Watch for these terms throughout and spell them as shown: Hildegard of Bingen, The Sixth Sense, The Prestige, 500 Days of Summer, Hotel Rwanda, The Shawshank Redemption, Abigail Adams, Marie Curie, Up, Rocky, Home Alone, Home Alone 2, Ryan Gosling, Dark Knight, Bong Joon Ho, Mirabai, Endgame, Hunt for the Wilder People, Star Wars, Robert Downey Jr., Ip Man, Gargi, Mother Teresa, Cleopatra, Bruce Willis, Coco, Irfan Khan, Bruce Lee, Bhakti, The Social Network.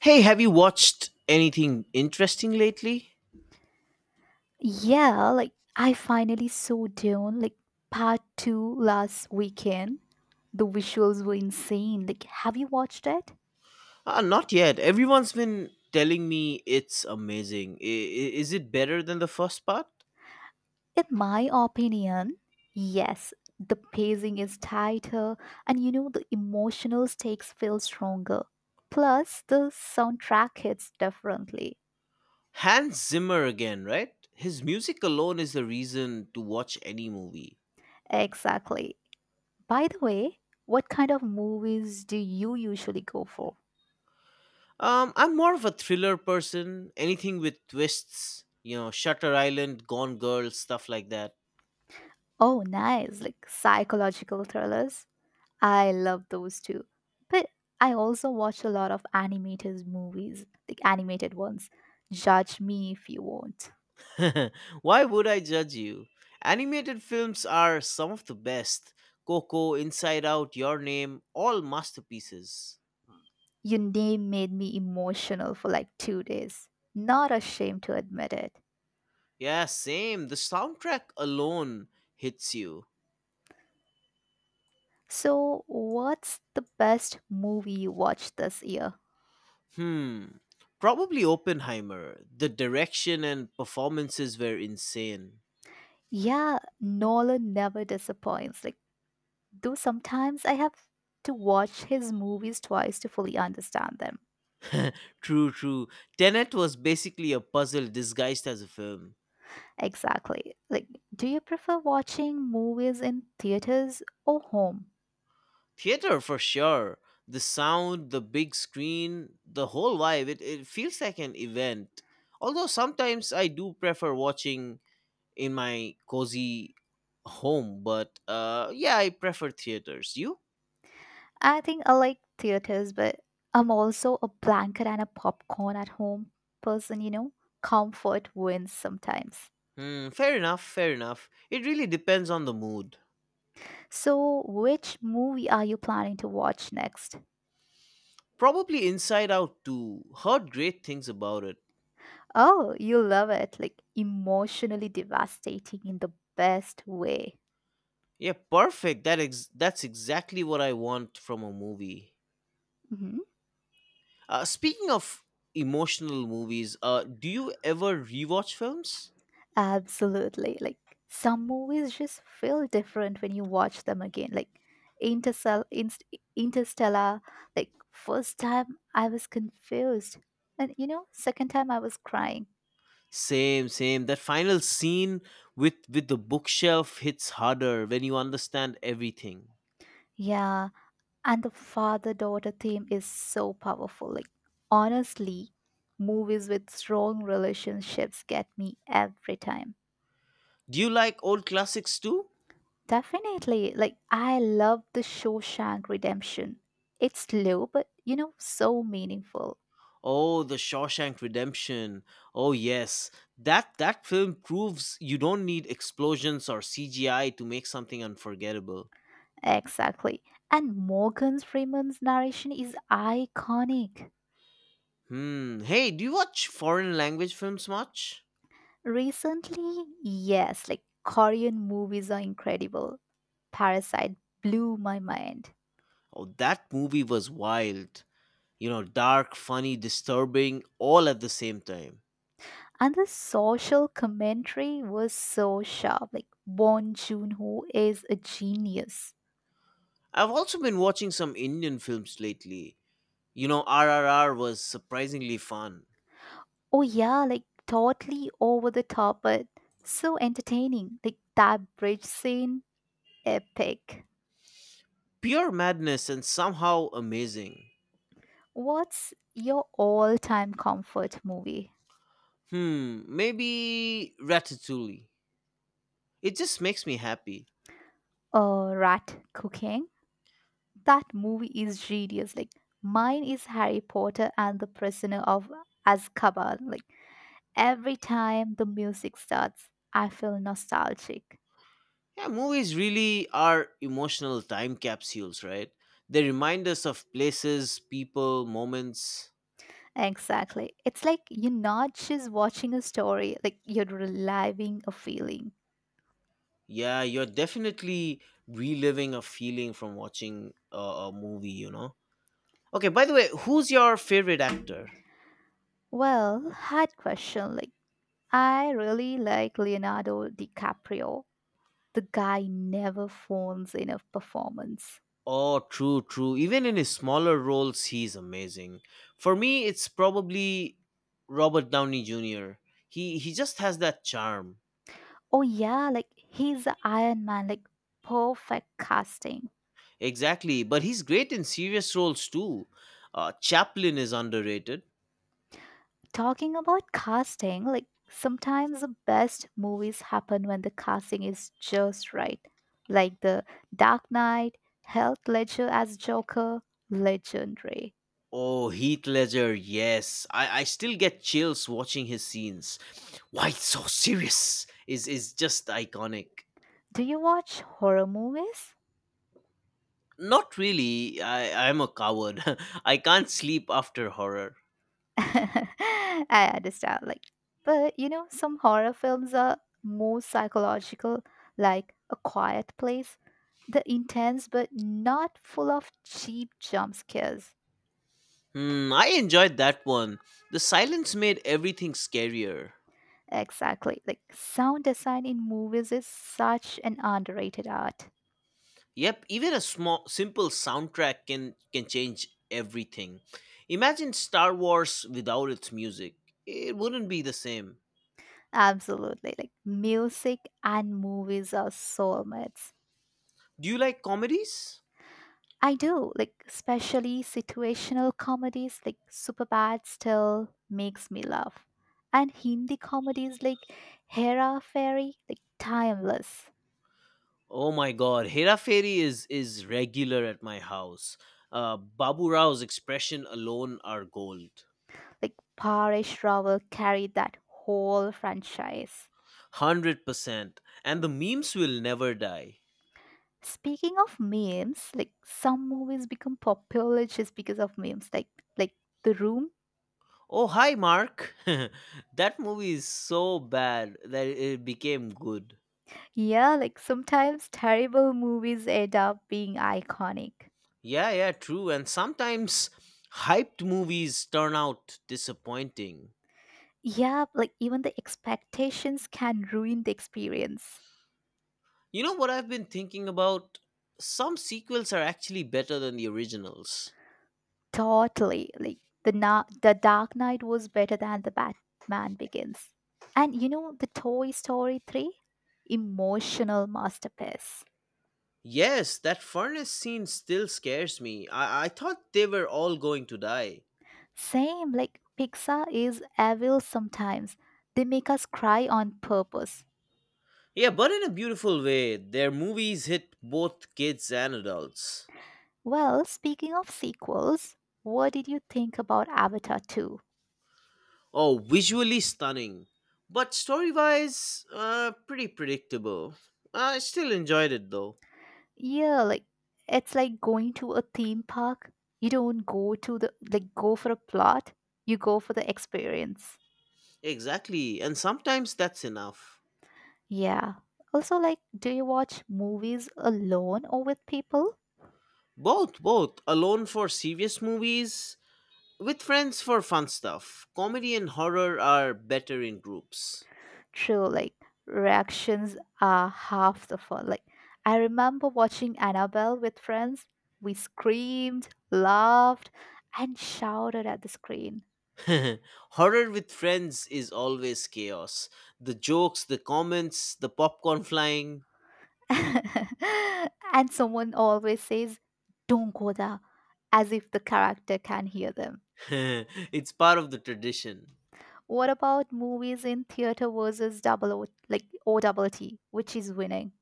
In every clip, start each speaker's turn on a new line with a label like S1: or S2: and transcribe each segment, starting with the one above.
S1: Hey, have you watched anything interesting lately?
S2: Yeah, like I finally saw Dune, like part two last weekend. The visuals were insane. Like, have you watched it?
S1: Not yet. Everyone's been telling me it's amazing. Is it better than the first part?
S2: In my opinion, yes. The pacing is tighter, and the emotional stakes feel stronger. Plus, the soundtrack hits differently.
S1: Hans Zimmer again, right? His music alone is the reason to watch any movie.
S2: Exactly. By the way, what kind of movies do you usually go for?
S1: I'm more of a thriller person. Anything with twists, Shutter Island, Gone Girl, stuff like that.
S2: Oh, nice. Like psychological thrillers. I love those too. But I also watch a lot of animated movies, like animated ones. Judge me if you want.
S1: Why would I judge you? Animated films are some of the best. Coco, Inside Out, Your Name, all masterpieces.
S2: Your Name made me emotional for like 2 days. Not ashamed to admit it.
S1: Yeah, same. The soundtrack alone hits you.
S2: So, what's the best movie you watched this year?
S1: Hmm. Probably Oppenheimer. The direction and performances were insane.
S2: Yeah, Nolan never disappoints. Like, though sometimes I have to watch his movies twice to fully understand them.
S1: True, true. Tenet was basically a puzzle disguised as a film.
S2: Exactly. Like, do you prefer watching movies in theaters or home?
S1: Theater for sure. The sound, the big screen, the whole vibe, it feels like an event. Although sometimes I do prefer watching in my cozy home, but yeah, I prefer theaters. You?
S2: I think I like theaters, but I'm also a blanket and a popcorn at home person, you know? Comfort wins sometimes.
S1: Hmm, fair enough, fair enough. It really depends on the mood.
S2: So, which movie are you planning to watch next?
S1: Probably Inside Out too. Heard great things about it.
S2: Oh, you love it. Like, emotionally devastating in the best way.
S1: Yeah, perfect. That's exactly what I want from a movie.
S2: Mhm.
S1: Speaking of emotional movies, do you ever rewatch films?
S2: Absolutely. Like some movies just feel different when you watch them again. Like Intercell, Interstellar. Like first time I was confused, and second time I was crying.
S1: Same, same. That final scene with the bookshelf hits harder when you understand everything.
S2: Yeah, and the father-daughter theme is so powerful. Like honestly, movies with strong relationships get me every time.
S1: Do you like old classics too?
S2: Definitely. Like I love the Shawshank Redemption. It's slow, but so meaningful.
S1: Oh, The Shawshank Redemption. Oh yes, that film proves you don't need explosions or CGI to make something unforgettable.
S2: Exactly. And Morgan Freeman's narration is iconic.
S1: Hmm. Hey, do you watch foreign language films much?
S2: Recently, yes, like Korean movies are incredible. Parasite blew my mind.
S1: Oh, that movie was wild. Dark, funny, disturbing, all at the same time.
S2: And the social commentary was so sharp. Like, Bong Joon Ho is a genius.
S1: I've also been watching some Indian films lately. RRR was surprisingly fun.
S2: Oh, yeah, like totally over the top, but so entertaining. Like, that bridge scene, epic.
S1: Pure madness and somehow amazing.
S2: What's your all time comfort movie?
S1: Hmm, maybe Ratatouille. It just makes me happy.
S2: Rat cooking. That movie is genius. Like mine is Harry Potter and the Prisoner of Azkaban. Like every time the music starts, I feel nostalgic.
S1: Yeah, movies really are emotional time capsules, right? They remind us of places, people, moments.
S2: Exactly. It's like you're not just watching a story, like you're reliving a feeling.
S1: Yeah, you're definitely reliving a feeling from watching a movie, you know? Okay, by the way, who's your favorite actor?
S2: Well, hard question. Like I really like Leonardo DiCaprio. The guy never phones in a performance.
S1: Oh, true, true. Even in his smaller roles, he's amazing. For me, it's probably Robert Downey Jr. He just has that charm.
S2: Oh yeah, like he's the Iron Man, like perfect casting.
S1: Exactly, but he's great in serious roles too. Chaplin is underrated.
S2: Talking about casting, like sometimes the best movies happen when the casting is just right. Like the Dark Knight, Heath Ledger as Joker, legendary.
S1: Oh, Heath Ledger, yes. I still get chills watching his scenes. Why it's so serious is just iconic.
S2: Do you watch horror movies?
S1: Not really. I'm a coward. I can't sleep after horror.
S2: I understand. Like, but some horror films are more psychological, like A Quiet Place. The intense, but not full of cheap jump scares.
S1: Hmm, I enjoyed that one. The silence made everything scarier.
S2: Exactly. Like, sound design in movies is such an underrated art.
S1: Yep, even a small simple soundtrack can change everything. Imagine Star Wars without its music. It wouldn't be the same.
S2: Absolutely. Like, music and movies are soulmates.
S1: Do you like comedies?
S2: I do, like especially situational comedies like Superbad still makes me laugh. And Hindi comedies like Hera Fairy, like timeless.
S1: Oh my god, Hera Fairy is regular at my house. Babu Rao's expression alone are gold.
S2: Like Paresh Rawal carried that whole franchise.
S1: 100%. And the memes will never die.
S2: Speaking of memes, like some movies become popular just because of memes, like The Room.
S1: Oh, hi, Mark. That movie is so bad that it became good.
S2: Yeah, like sometimes terrible movies end up being iconic.
S1: Yeah, yeah, true. And sometimes hyped movies turn out disappointing.
S2: Yeah, like even the expectations can ruin the experience.
S1: You know what I've been thinking about? Some sequels are actually better than the originals.
S2: Totally. Like the Dark Knight was better than the Batman Begins. And the Toy Story 3, emotional masterpiece.
S1: Yes, that furnace scene still scares me. I thought they were all going to die.
S2: Same like Pixar is evil sometimes. They make us cry on purpose.
S1: Yeah, but in a beautiful way, their movies hit both kids and adults.
S2: Well, speaking of sequels, what did you think about Avatar 2?
S1: Oh, visually stunning, but story wise, pretty predictable. I still enjoyed it though.
S2: Yeah, like it's like going to a theme park. You don't go to the like go for a plot, you go for the experience.
S1: Exactly, and sometimes that's enough.
S2: Yeah. Also like do you watch movies alone or with people?
S1: Both, both, alone for serious movies, with friends for fun stuff. Comedy and horror are better in groups.
S2: True, like reactions are half the fun. Like I remember watching Annabelle with friends. We screamed, laughed, and shouted at the screen.
S1: Horror with friends is always chaos. The jokes, the comments, the popcorn flying.
S2: and someone always says, "Don't go there," as if the character can hear them.
S1: It's part of the tradition.
S2: What about movies in theater versus like O double T, which is winning?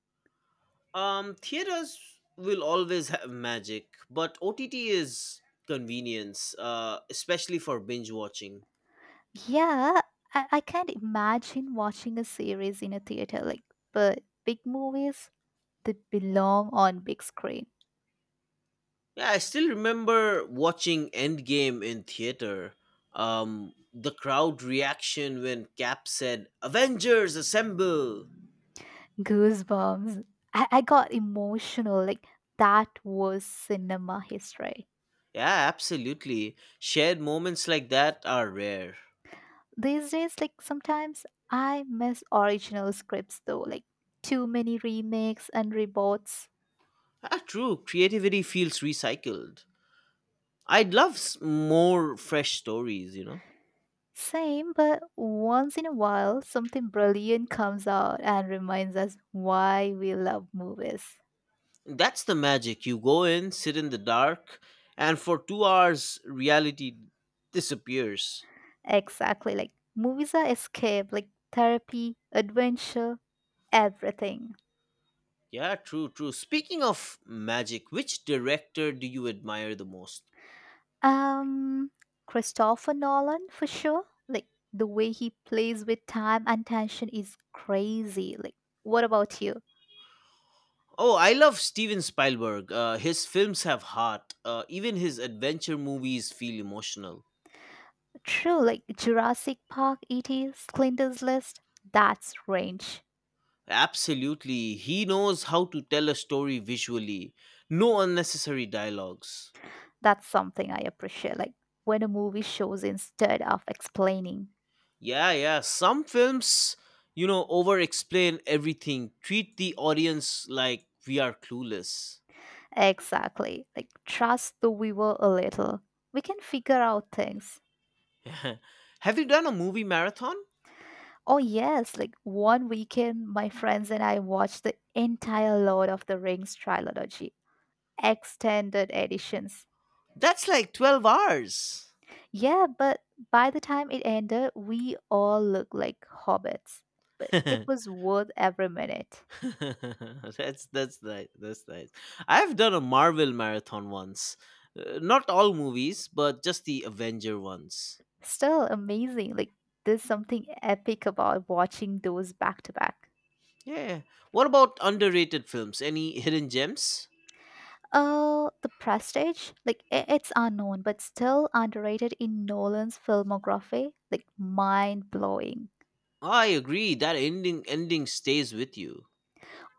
S1: Theaters will always have magic, but OTT is convenience, especially for binge watching.
S2: Yeah, I can't imagine watching a series in a theater, like, but big movies, they belong on big screen.
S1: Yeah, I still remember watching Endgame in theater. The crowd reaction when Cap said, "Avengers assemble!"
S2: Goosebumps. I got emotional, like, that was cinema history.
S1: Yeah, absolutely. Shared moments like that are rare.
S2: These days, like sometimes I miss original scripts though, like too many remakes and reboots.
S1: Ah, true. Creativity feels recycled. I'd love more fresh stories, you know?
S2: Same, but once in a while, something brilliant comes out and reminds us why we love movies.
S1: That's the magic. You go in, sit in the dark, and for 2 hours, reality disappears.
S2: Exactly, like movies are escape, like therapy, adventure, everything.
S1: Yeah, true, true. Speaking of magic, which director do you admire the most?
S2: Um, Christopher Nolan for sure. Like the way he plays with time and tension is crazy. Like, what about you?
S1: Oh, I love Steven Spielberg. His films have heart. Even his adventure movies feel emotional.
S2: True, like Jurassic Park, E.T., Schindler's List, that's range.
S1: Absolutely. He knows how to tell a story visually, no unnecessary dialogues.
S2: That's something I appreciate. Like when a movie shows instead of explaining.
S1: Yeah, yeah. Some films, over explain everything, treat the audience like we are clueless.
S2: Exactly. Like trust the viewer a little. We can figure out things.
S1: Have you done a movie marathon?
S2: Oh yes, like one weekend my friends and I watched the entire Lord of the Rings trilogy, extended editions.
S1: That's like 12 hours.
S2: Yeah, but by the time it ended, we all looked like hobbits. But it
S1: that's
S2: was worth every minute.
S1: that's nice. That's nice. I've done a Marvel marathon once. Not all movies, but just the Avenger ones.
S2: Still amazing. Like, there's something epic about watching those back to back.
S1: Yeah. What about underrated films? Any hidden gems?
S2: The Prestige, like it's unknown, but still underrated in Nolan's filmography, like mind blowing.
S1: I agree that ending stays with you.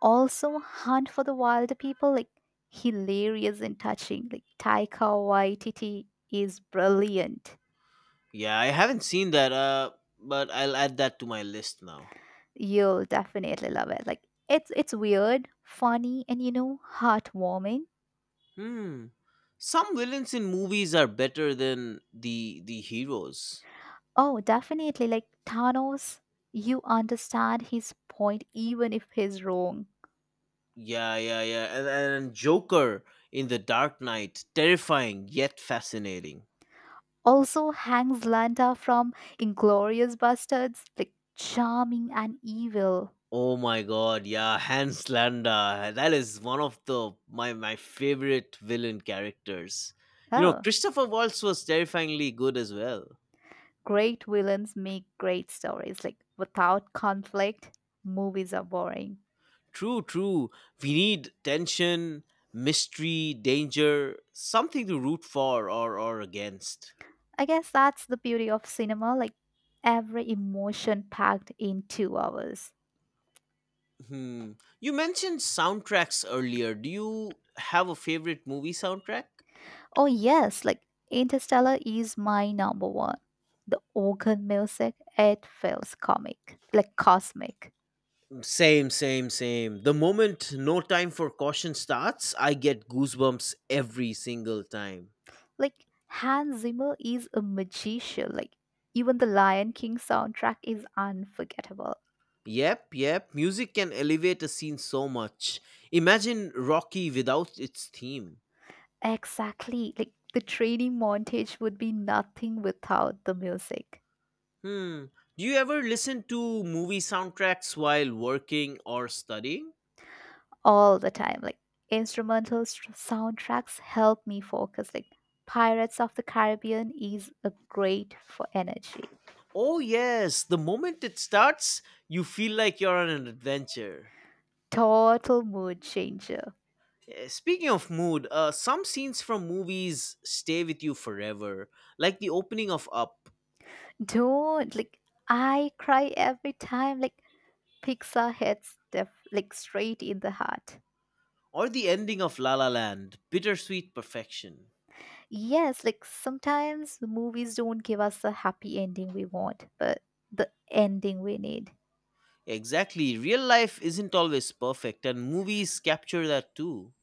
S2: Also, Hunt for the Wilder People, like hilarious and touching. Like Taika Waititi is brilliant.
S1: Yeah, I haven't seen that, but I'll add that to my list now.
S2: You'll definitely love it. Like it's weird, funny, and heartwarming.
S1: Hmm. Some villains in movies are better than the heroes.
S2: Oh, definitely. Like Thanos, you understand his point even if he's wrong.
S1: Yeah, yeah, yeah. And Joker in The Dark Knight, terrifying yet fascinating.
S2: Also hangs Lanta from Inglorious Bastards, like charming and evil.
S1: Oh my god, yeah, Hans Landa. That is one of the my favorite villain characters.
S2: Oh,
S1: Christopher Waltz was terrifyingly good as well.
S2: great villains make great stories. Like without conflict, movies are boring.
S1: True, true. We need tension, mystery, danger, something to root for or against.
S2: I guess that's the beauty of cinema, like every emotion packed in 2 hours.
S1: Hmm. You mentioned soundtracks earlier. Do you have a favorite movie soundtrack?
S2: Oh yes, like Interstellar is my number one. The organ music, it feels comic, like cosmic.
S1: Same, same, same. The moment No Time for Caution starts, I get goosebumps every single time.
S2: Like Hans Zimmer is a magician. Like even the Lion King soundtrack is unforgettable.
S1: Yep, yep. Music can elevate a scene so much. Imagine Rocky without its theme.
S2: Exactly. Like the training montage would be nothing without the music
S1: Hmm. Do you ever listen to movie soundtracks while working or studying?
S2: all the time. Like instrumental soundtracks help me focus. Like Pirates of the Caribbean is a great for energy.
S1: Oh, yes. The moment it starts, you feel like you're on an adventure.
S2: Total mood changer.
S1: Speaking of mood, some scenes from movies stay with you forever, like the opening of Up
S2: Don't like I cry every time like Pixar hits the like straight in the heart.
S1: or the ending of La La Land, bittersweet perfection.
S2: Yes, like sometimes movies don't give us the happy ending we want, but the ending we need.
S1: Exactly. Real life isn't always perfect, and movies capture that too.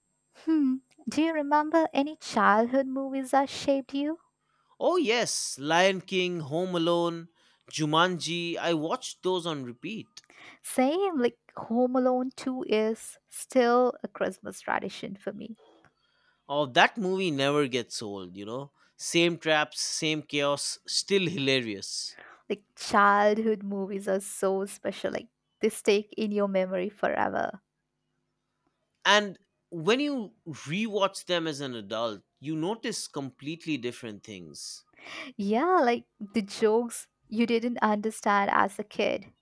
S2: Hmm. Do you remember any childhood movies that shaped you?
S1: Oh yes, Lion King, Home Alone, Jumanji. I watched those on repeat.
S2: Same, like Home Alone 2 is still a Christmas tradition for me.
S1: Oh, that movie never gets old. Same traps, same chaos, still hilarious.
S2: Like childhood movies are so special, like they stay in your memory forever.
S1: And when you rewatch them as an adult, you notice completely different things.
S2: Yeah, like the jokes you didn't understand as a kid.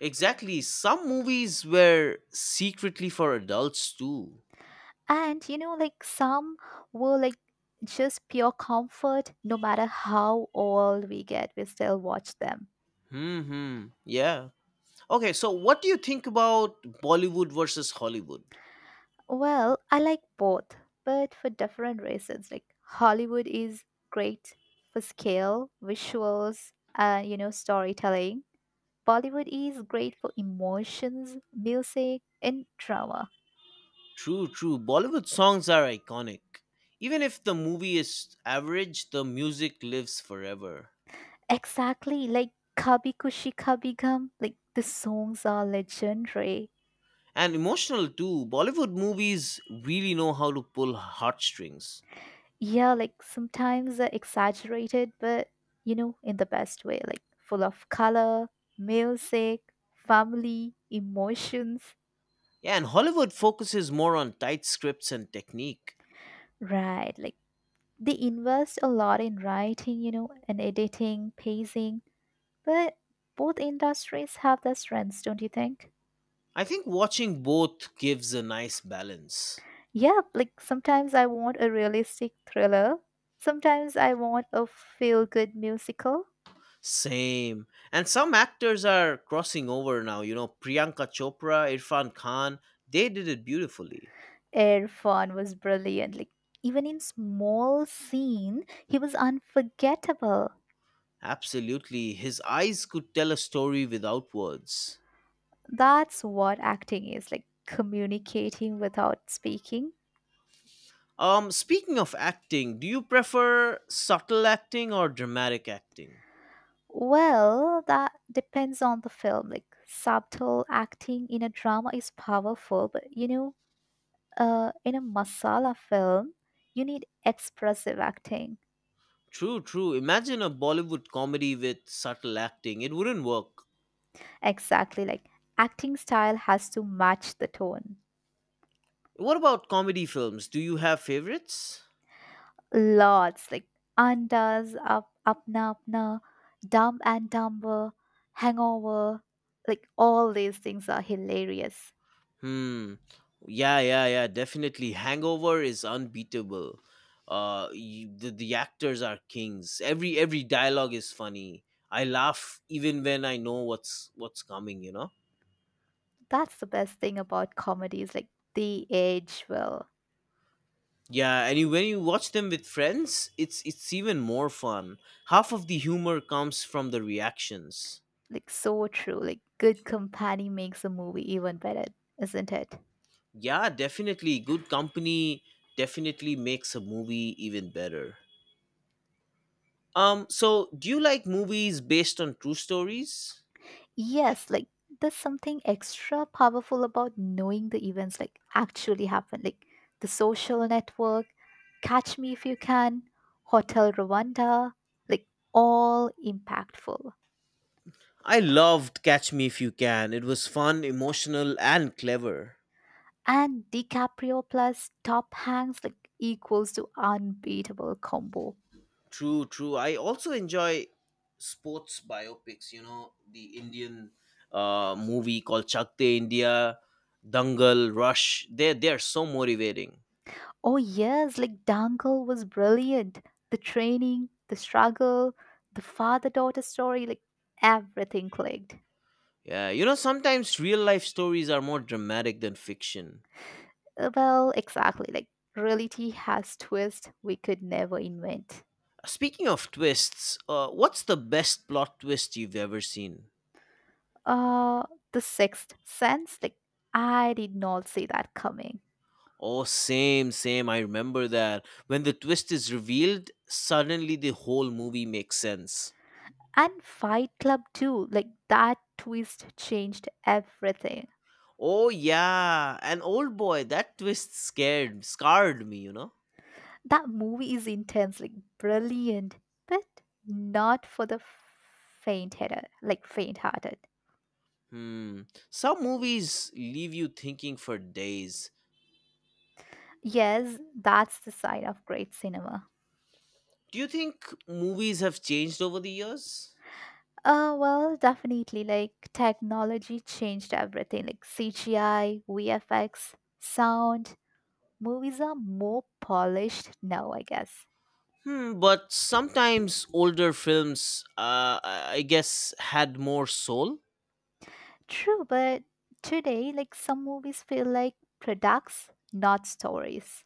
S1: Exactly, some movies were secretly for adults too.
S2: And like some were like just pure comfort, no matter how old we get, we still watch them.
S1: Hmm, hmm, yeah. Okay, so what do you think about Bollywood versus Hollywood?
S2: Well, I like both, but for different reasons. Like Hollywood is great for scale, visuals, and storytelling. Bollywood is great for emotions, music, and drama.
S1: True, true. Bollywood songs are iconic. Even if the movie is average, the music lives forever.
S2: Exactly, like Kabhi Kushi Kabhi Gum, like the songs are legendary.
S1: And emotional too. Bollywood movies really know how to pull heartstrings.
S2: Yeah, like sometimes they're exaggerated, but in the best way, like full of color, music, family, emotions.
S1: Yeah, and Hollywood focuses more on tight scripts and technique.
S2: Right, like they invest a lot in writing, and editing, pacing, but both industries have their strengths, don't you think?
S1: I think watching both gives a nice balance.
S2: Yeah, like sometimes I want a realistic thriller. Sometimes I want a feel good musical.
S1: Same. And some actors are crossing over now. Priyanka Chopra, Irfan Khan, they did it beautifully.
S2: Irfan was brilliant. Like even in small scene, he was unforgettable.
S1: Absolutely. His eyes could tell a story without words.
S2: That's what acting is, like communicating without speaking.
S1: Speaking of acting, do you prefer subtle acting or dramatic acting?
S2: Well, that depends on the film. Like subtle acting in a drama is powerful, but in a masala film, you need expressive acting.
S1: True, true. Imagine a Bollywood comedy with subtle acting. It wouldn't work.
S2: Exactly. Like acting style has to match the tone.
S1: What about comedy films? Do you have favorites?
S2: Lots like Andas, Up, Apna, Apna, Dumb and Dumber, Hangover. Like all these things are hilarious.
S1: Hmm. Yeah, yeah, yeah, definitely. Hangover is unbeatable. The actors are kings. Every dialogue is funny. I laugh even when I know what's coming, you know?
S2: That's the best thing about comedies. Like they age well.
S1: Yeah, and you, when you watch them with friends, it's even more fun. Half of the humor comes from the reactions.
S2: Like so true. Like good company makes a movie even better, isn't it?
S1: Yeah, definitely good company definitely makes a movie even better. So do you like movies based on true stories?
S2: Yes, like there's something extra powerful about knowing the events like actually happened, like the social network, Catch Me If You Can, Hotel Rwanda, like all impactful.
S1: I loved Catch Me If You Can. It was fun, emotional and clever.
S2: And DiCaprio plus Top Hanks like equals to unbeatable combo.
S1: True, true. I also enjoy sports biopics. The Indian movie called Chakte India, Dangal, Rush. They are so motivating.
S2: Oh yes, like Dangle was brilliant. The training, the struggle, the father-daughter story, like everything clicked.
S1: Yeah, sometimes real life stories are more dramatic than fiction.
S2: Well, exactly. Like reality has twists we could never invent.
S1: Speaking of twists, what's the best plot twist you've ever seen?
S2: Uh, the sixth sense. Like I did not see that coming.
S1: Oh, same, same. I remember that. When the twist is revealed, suddenly the whole movie makes sense.
S2: And Fight Club too. Like that twist changed everything.
S1: Oh yeah, an old boy. That twist scared, scarred me. You know.
S2: That movie is intense, like brilliant, but not for the faint-hearted. Like faint-hearted.
S1: Hmm. Some movies leave you thinking for days.
S2: Yes, that's the sign of great cinema.
S1: Do you think movies have changed over the years?
S2: Well, definitely, like technology changed everything, like CGI, VFX, sound. Movies are more polished now, I guess.
S1: Hmm. But sometimes older films, I guess, had more soul.
S2: True, but today, like some movies feel like products, not stories.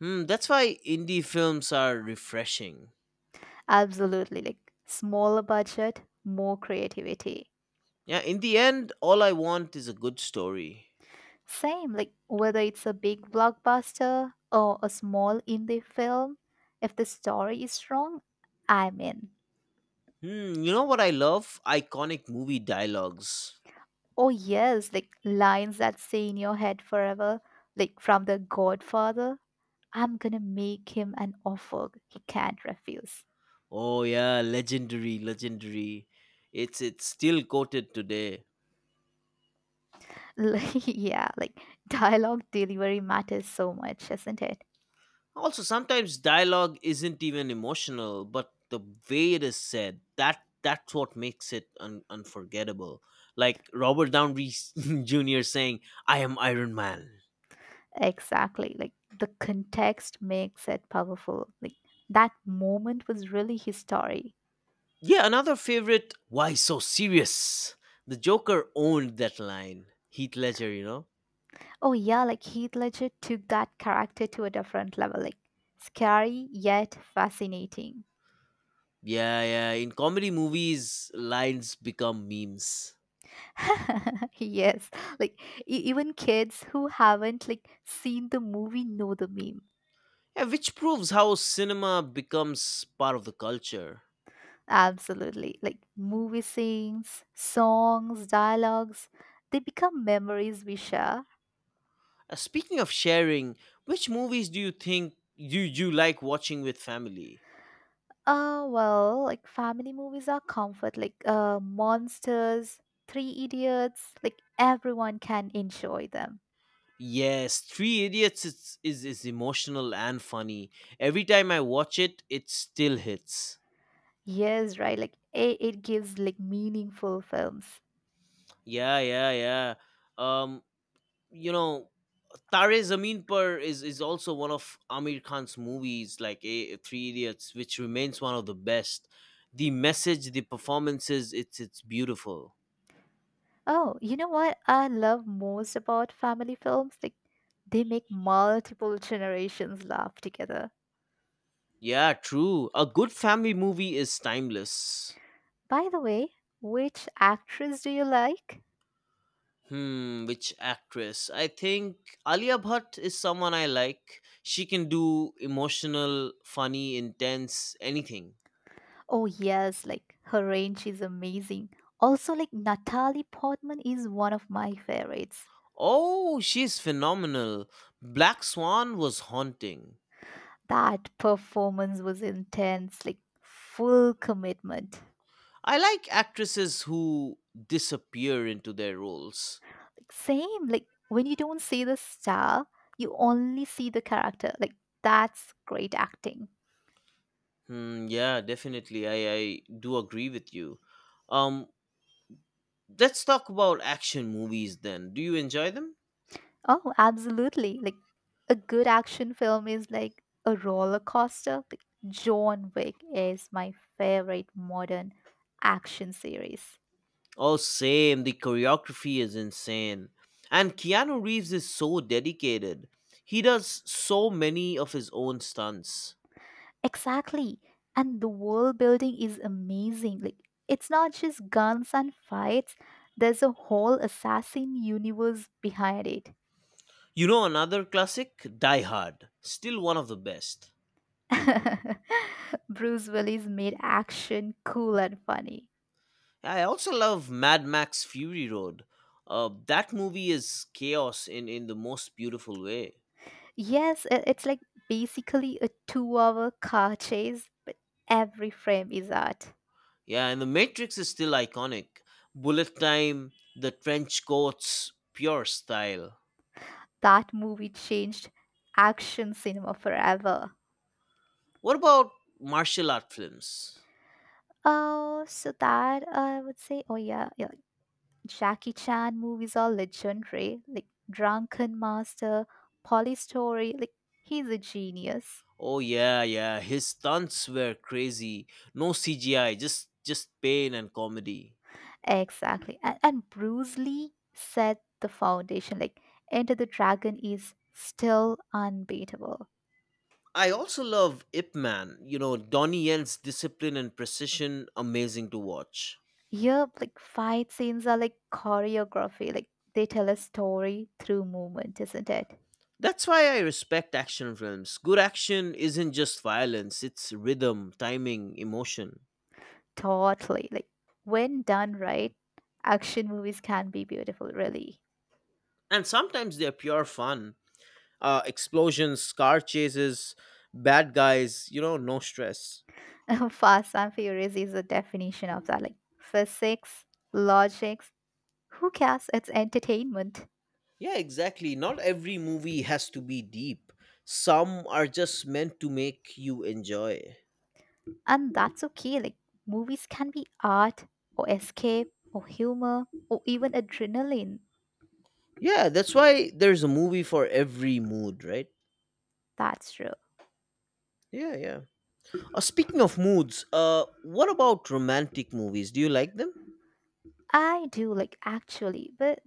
S1: Hmm. That's why indie films are refreshing.
S2: Absolutely, like smaller budget, more creativity.
S1: Yeah. In the end, all I want is a good story.
S2: Same, like whether it's a big blockbuster or a small indie film, if the story is strong, I'm in.
S1: Hmm. You know what I love? Iconic movie dialogues.
S2: Oh yes, like lines that stay in your head forever, like from The Godfather. I'm gonna make him an offer he can't refuse.
S1: Oh yeah, legendary, legendary. It's still quoted today.
S2: Like, yeah, like dialogue delivery matters so much, isn't it?
S1: Also, sometimes dialogue isn't even emotional, but the way it is said, that's what makes it unforgettable. Like Robert Downey Jr. saying, "I am Iron Man."
S2: Exactly. Like the context makes it powerful. Like that moment was really his story.
S1: Yeah, another favorite. Why so serious? The Joker owned that line. Heath Ledger.
S2: Oh yeah, like Heath Ledger took that character to a different level. Like scary yet fascinating.
S1: Yeah, yeah. In comedy movies, lines become memes.
S2: yes, like even kids who haven't like seen the movie know the meme.
S1: Yeah, which proves how cinema becomes part of the culture.
S2: Absolutely. Like movie scenes, songs, dialogues, they become memories we share.
S1: Speaking of sharing, which movies do you think you like watching with family?
S2: Like family movies are comfort like Monsters, Three Idiots, like everyone can enjoy them.
S1: Yes, Three Idiots is emotional and funny. Every time I watch it, it still hits.
S2: Yes, right. Like it gives like meaningful films.
S1: Yeah, yeah, yeah. Um, you know, Tare Zameen Par is also one of Amir Khan's movies, like Three Idiots, which remains one of the best. The message, the performances, it's beautiful.
S2: Oh, you know what I love most about family films? Like they make multiple generations laugh together.
S1: Yeah, true. A good family movie is timeless.
S2: By the way, which actress do you like?
S1: Hmm, which actress? I think Alia Bhatt is someone I like. She can do emotional, funny, intense, anything.
S2: Oh yes, like her range is amazing. Also like Natalie Portman is one of my favorites.
S1: Oh, she's phenomenal. Black Swan was haunting.
S2: That performance was intense, like full commitment.
S1: I like actresses who disappear into their roles.
S2: Like, same, like when you don't see the star, you only see the character. Like that's great acting.
S1: Hmm, yeah, definitely. I do agree with you. Um, let's talk about action movies then. Do you enjoy them?
S2: Oh, absolutely. Like a good action film is like a roller coaster. Like John Wick is my favorite modern action series.
S1: Oh, same. The choreography is insane. And Keanu Reeves is so dedicated. He does so many of his own stunts.
S2: Exactly. And the world building is amazing. Like it's not just guns and fights. There's a whole assassin universe behind it.
S1: You know another classic? Die Hard. Still one of the best.
S2: Bruce Willis made action cool and funny.
S1: I also love Mad Max Fury Road. That movie is chaos in the most beautiful way.
S2: Yes, it's like basically a 2 hour car chase, but every frame is art.
S1: Yeah, and The Matrix is still iconic. Bullet time, the trench coats, pure style.
S2: That movie changed action cinema forever.
S1: What about martial art films?
S2: Oh, so that I would say, oh yeah, yeah, like Jackie Chan movies are legendary, like Drunken Master, Polly Story, like he's a genius.
S1: Oh yeah, yeah. His stunts were crazy. No CGI, just pain and comedy.
S2: Exactly. And Bruce Lee set the foundation, like Enter the Dragon is still unbeatable.
S1: I also love Ip Man. Donnie Yen's discipline and precision amazing to watch.
S2: Yep, like fight scenes are like choreography, like they tell a story through movement, isn't it?
S1: That's why I respect action films. Good action isn't just violence, it's rhythm, timing, emotion.
S2: Totally. Like when done right, action movies can be beautiful, really.
S1: And sometimes they're pure fun. Explosions, car chases, bad guys, you know, no stress.
S2: Fast and Furious is a definition of that. Like physics, logics, who cares? It's entertainment.
S1: Yeah, exactly. Not every movie has to be deep. Some are just meant to make you enjoy.
S2: And that's okay. Like movies can be art or escape or humor or even adrenaline.
S1: Yeah, that's why there's a movie for every mood, right?
S2: That's true.
S1: Yeah, yeah. Speaking of moods, what about romantic movies? Do you like them?
S2: I do like actually, but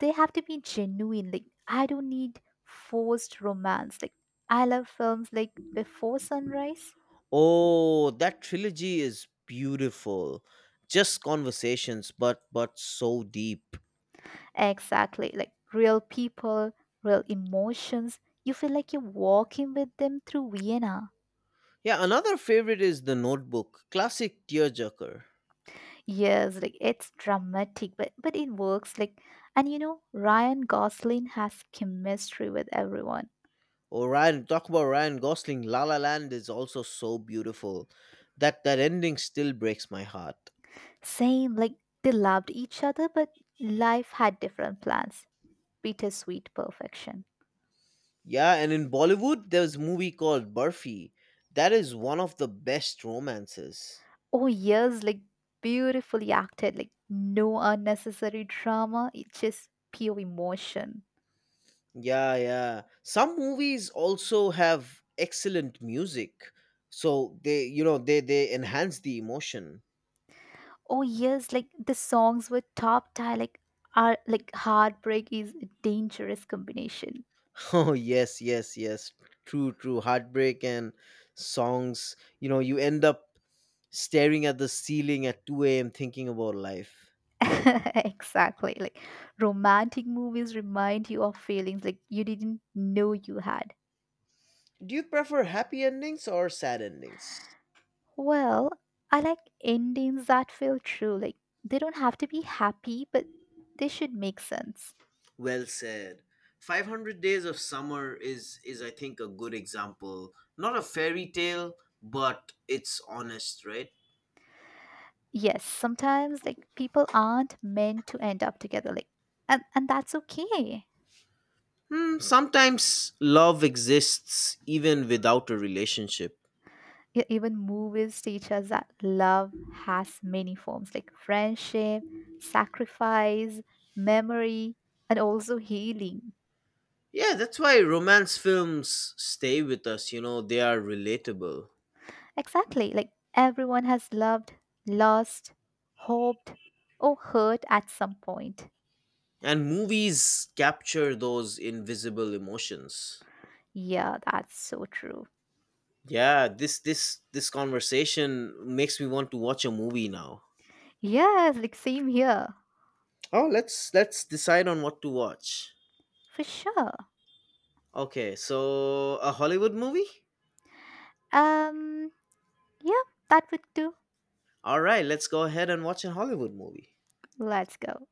S2: they have to be genuine like I don't need forced romance like I love films like Before Sunrise.
S1: Oh, that trilogy is beautiful. Just conversations, but so deep.
S2: Exactly, like real people, real emotions, you feel like you're walking with them through Vienna.
S1: Yeah, another favorite is The Notebook, classic tearjerker.
S2: Yes, like it's dramatic, but it works, like, and Ryan Gosling has chemistry with everyone.
S1: Oh, Ryan talk about Ryan Gosling. La La Land is also so beautiful. That ending still breaks my heart.
S2: Same, like they loved each other, but life had different plans, bittersweet perfection.
S1: Yeah, and in Bollywood, there's a movie called Burfi. That is one of the best romances.
S2: Oh, yes, like beautifully acted, like no unnecessary drama, it's just pure emotion.
S1: Yeah, yeah. Some movies also have excellent music, so they enhance the emotion.
S2: Oh, yes, like the songs were top tier, like are like heartbreak is a dangerous combination.
S1: Oh yes, yes, yes. True, true. Heartbreak and songs. You end up staring at the ceiling at 2 a.m. thinking about life.
S2: Exactly. Like romantic movies remind you of feelings like you didn't know you had.
S1: Do you prefer happy endings or sad endings?
S2: Well, I like endings that feel true. Like they don't have to be happy, but they should make sense.
S1: Well said. 500 Days of Summer is I think a good example. Not a fairy tale, but it's honest, right?
S2: Yes, sometimes, like people aren't meant to end up together, like, and that's okay.
S1: Hmm, sometimes love exists even without a relationship.
S2: Even movies teach us that love has many forms, like friendship, sacrifice, memory, and also healing.
S1: Yeah, that's why romance films stay with us, they are relatable.
S2: Exactly, like everyone has loved, lost, hoped, or hurt at some point.
S1: And movies capture those invisible emotions.
S2: Yeah, that's so true.
S1: Yeah, this conversation makes me want to watch a movie now.
S2: Yes, like same here.
S1: Oh, let's decide on what to watch.
S2: For sure.
S1: Okay, so a Hollywood movie?
S2: um yeah, that would do.
S1: All right, let's go ahead and watch a Hollywood movie.
S2: Let's go.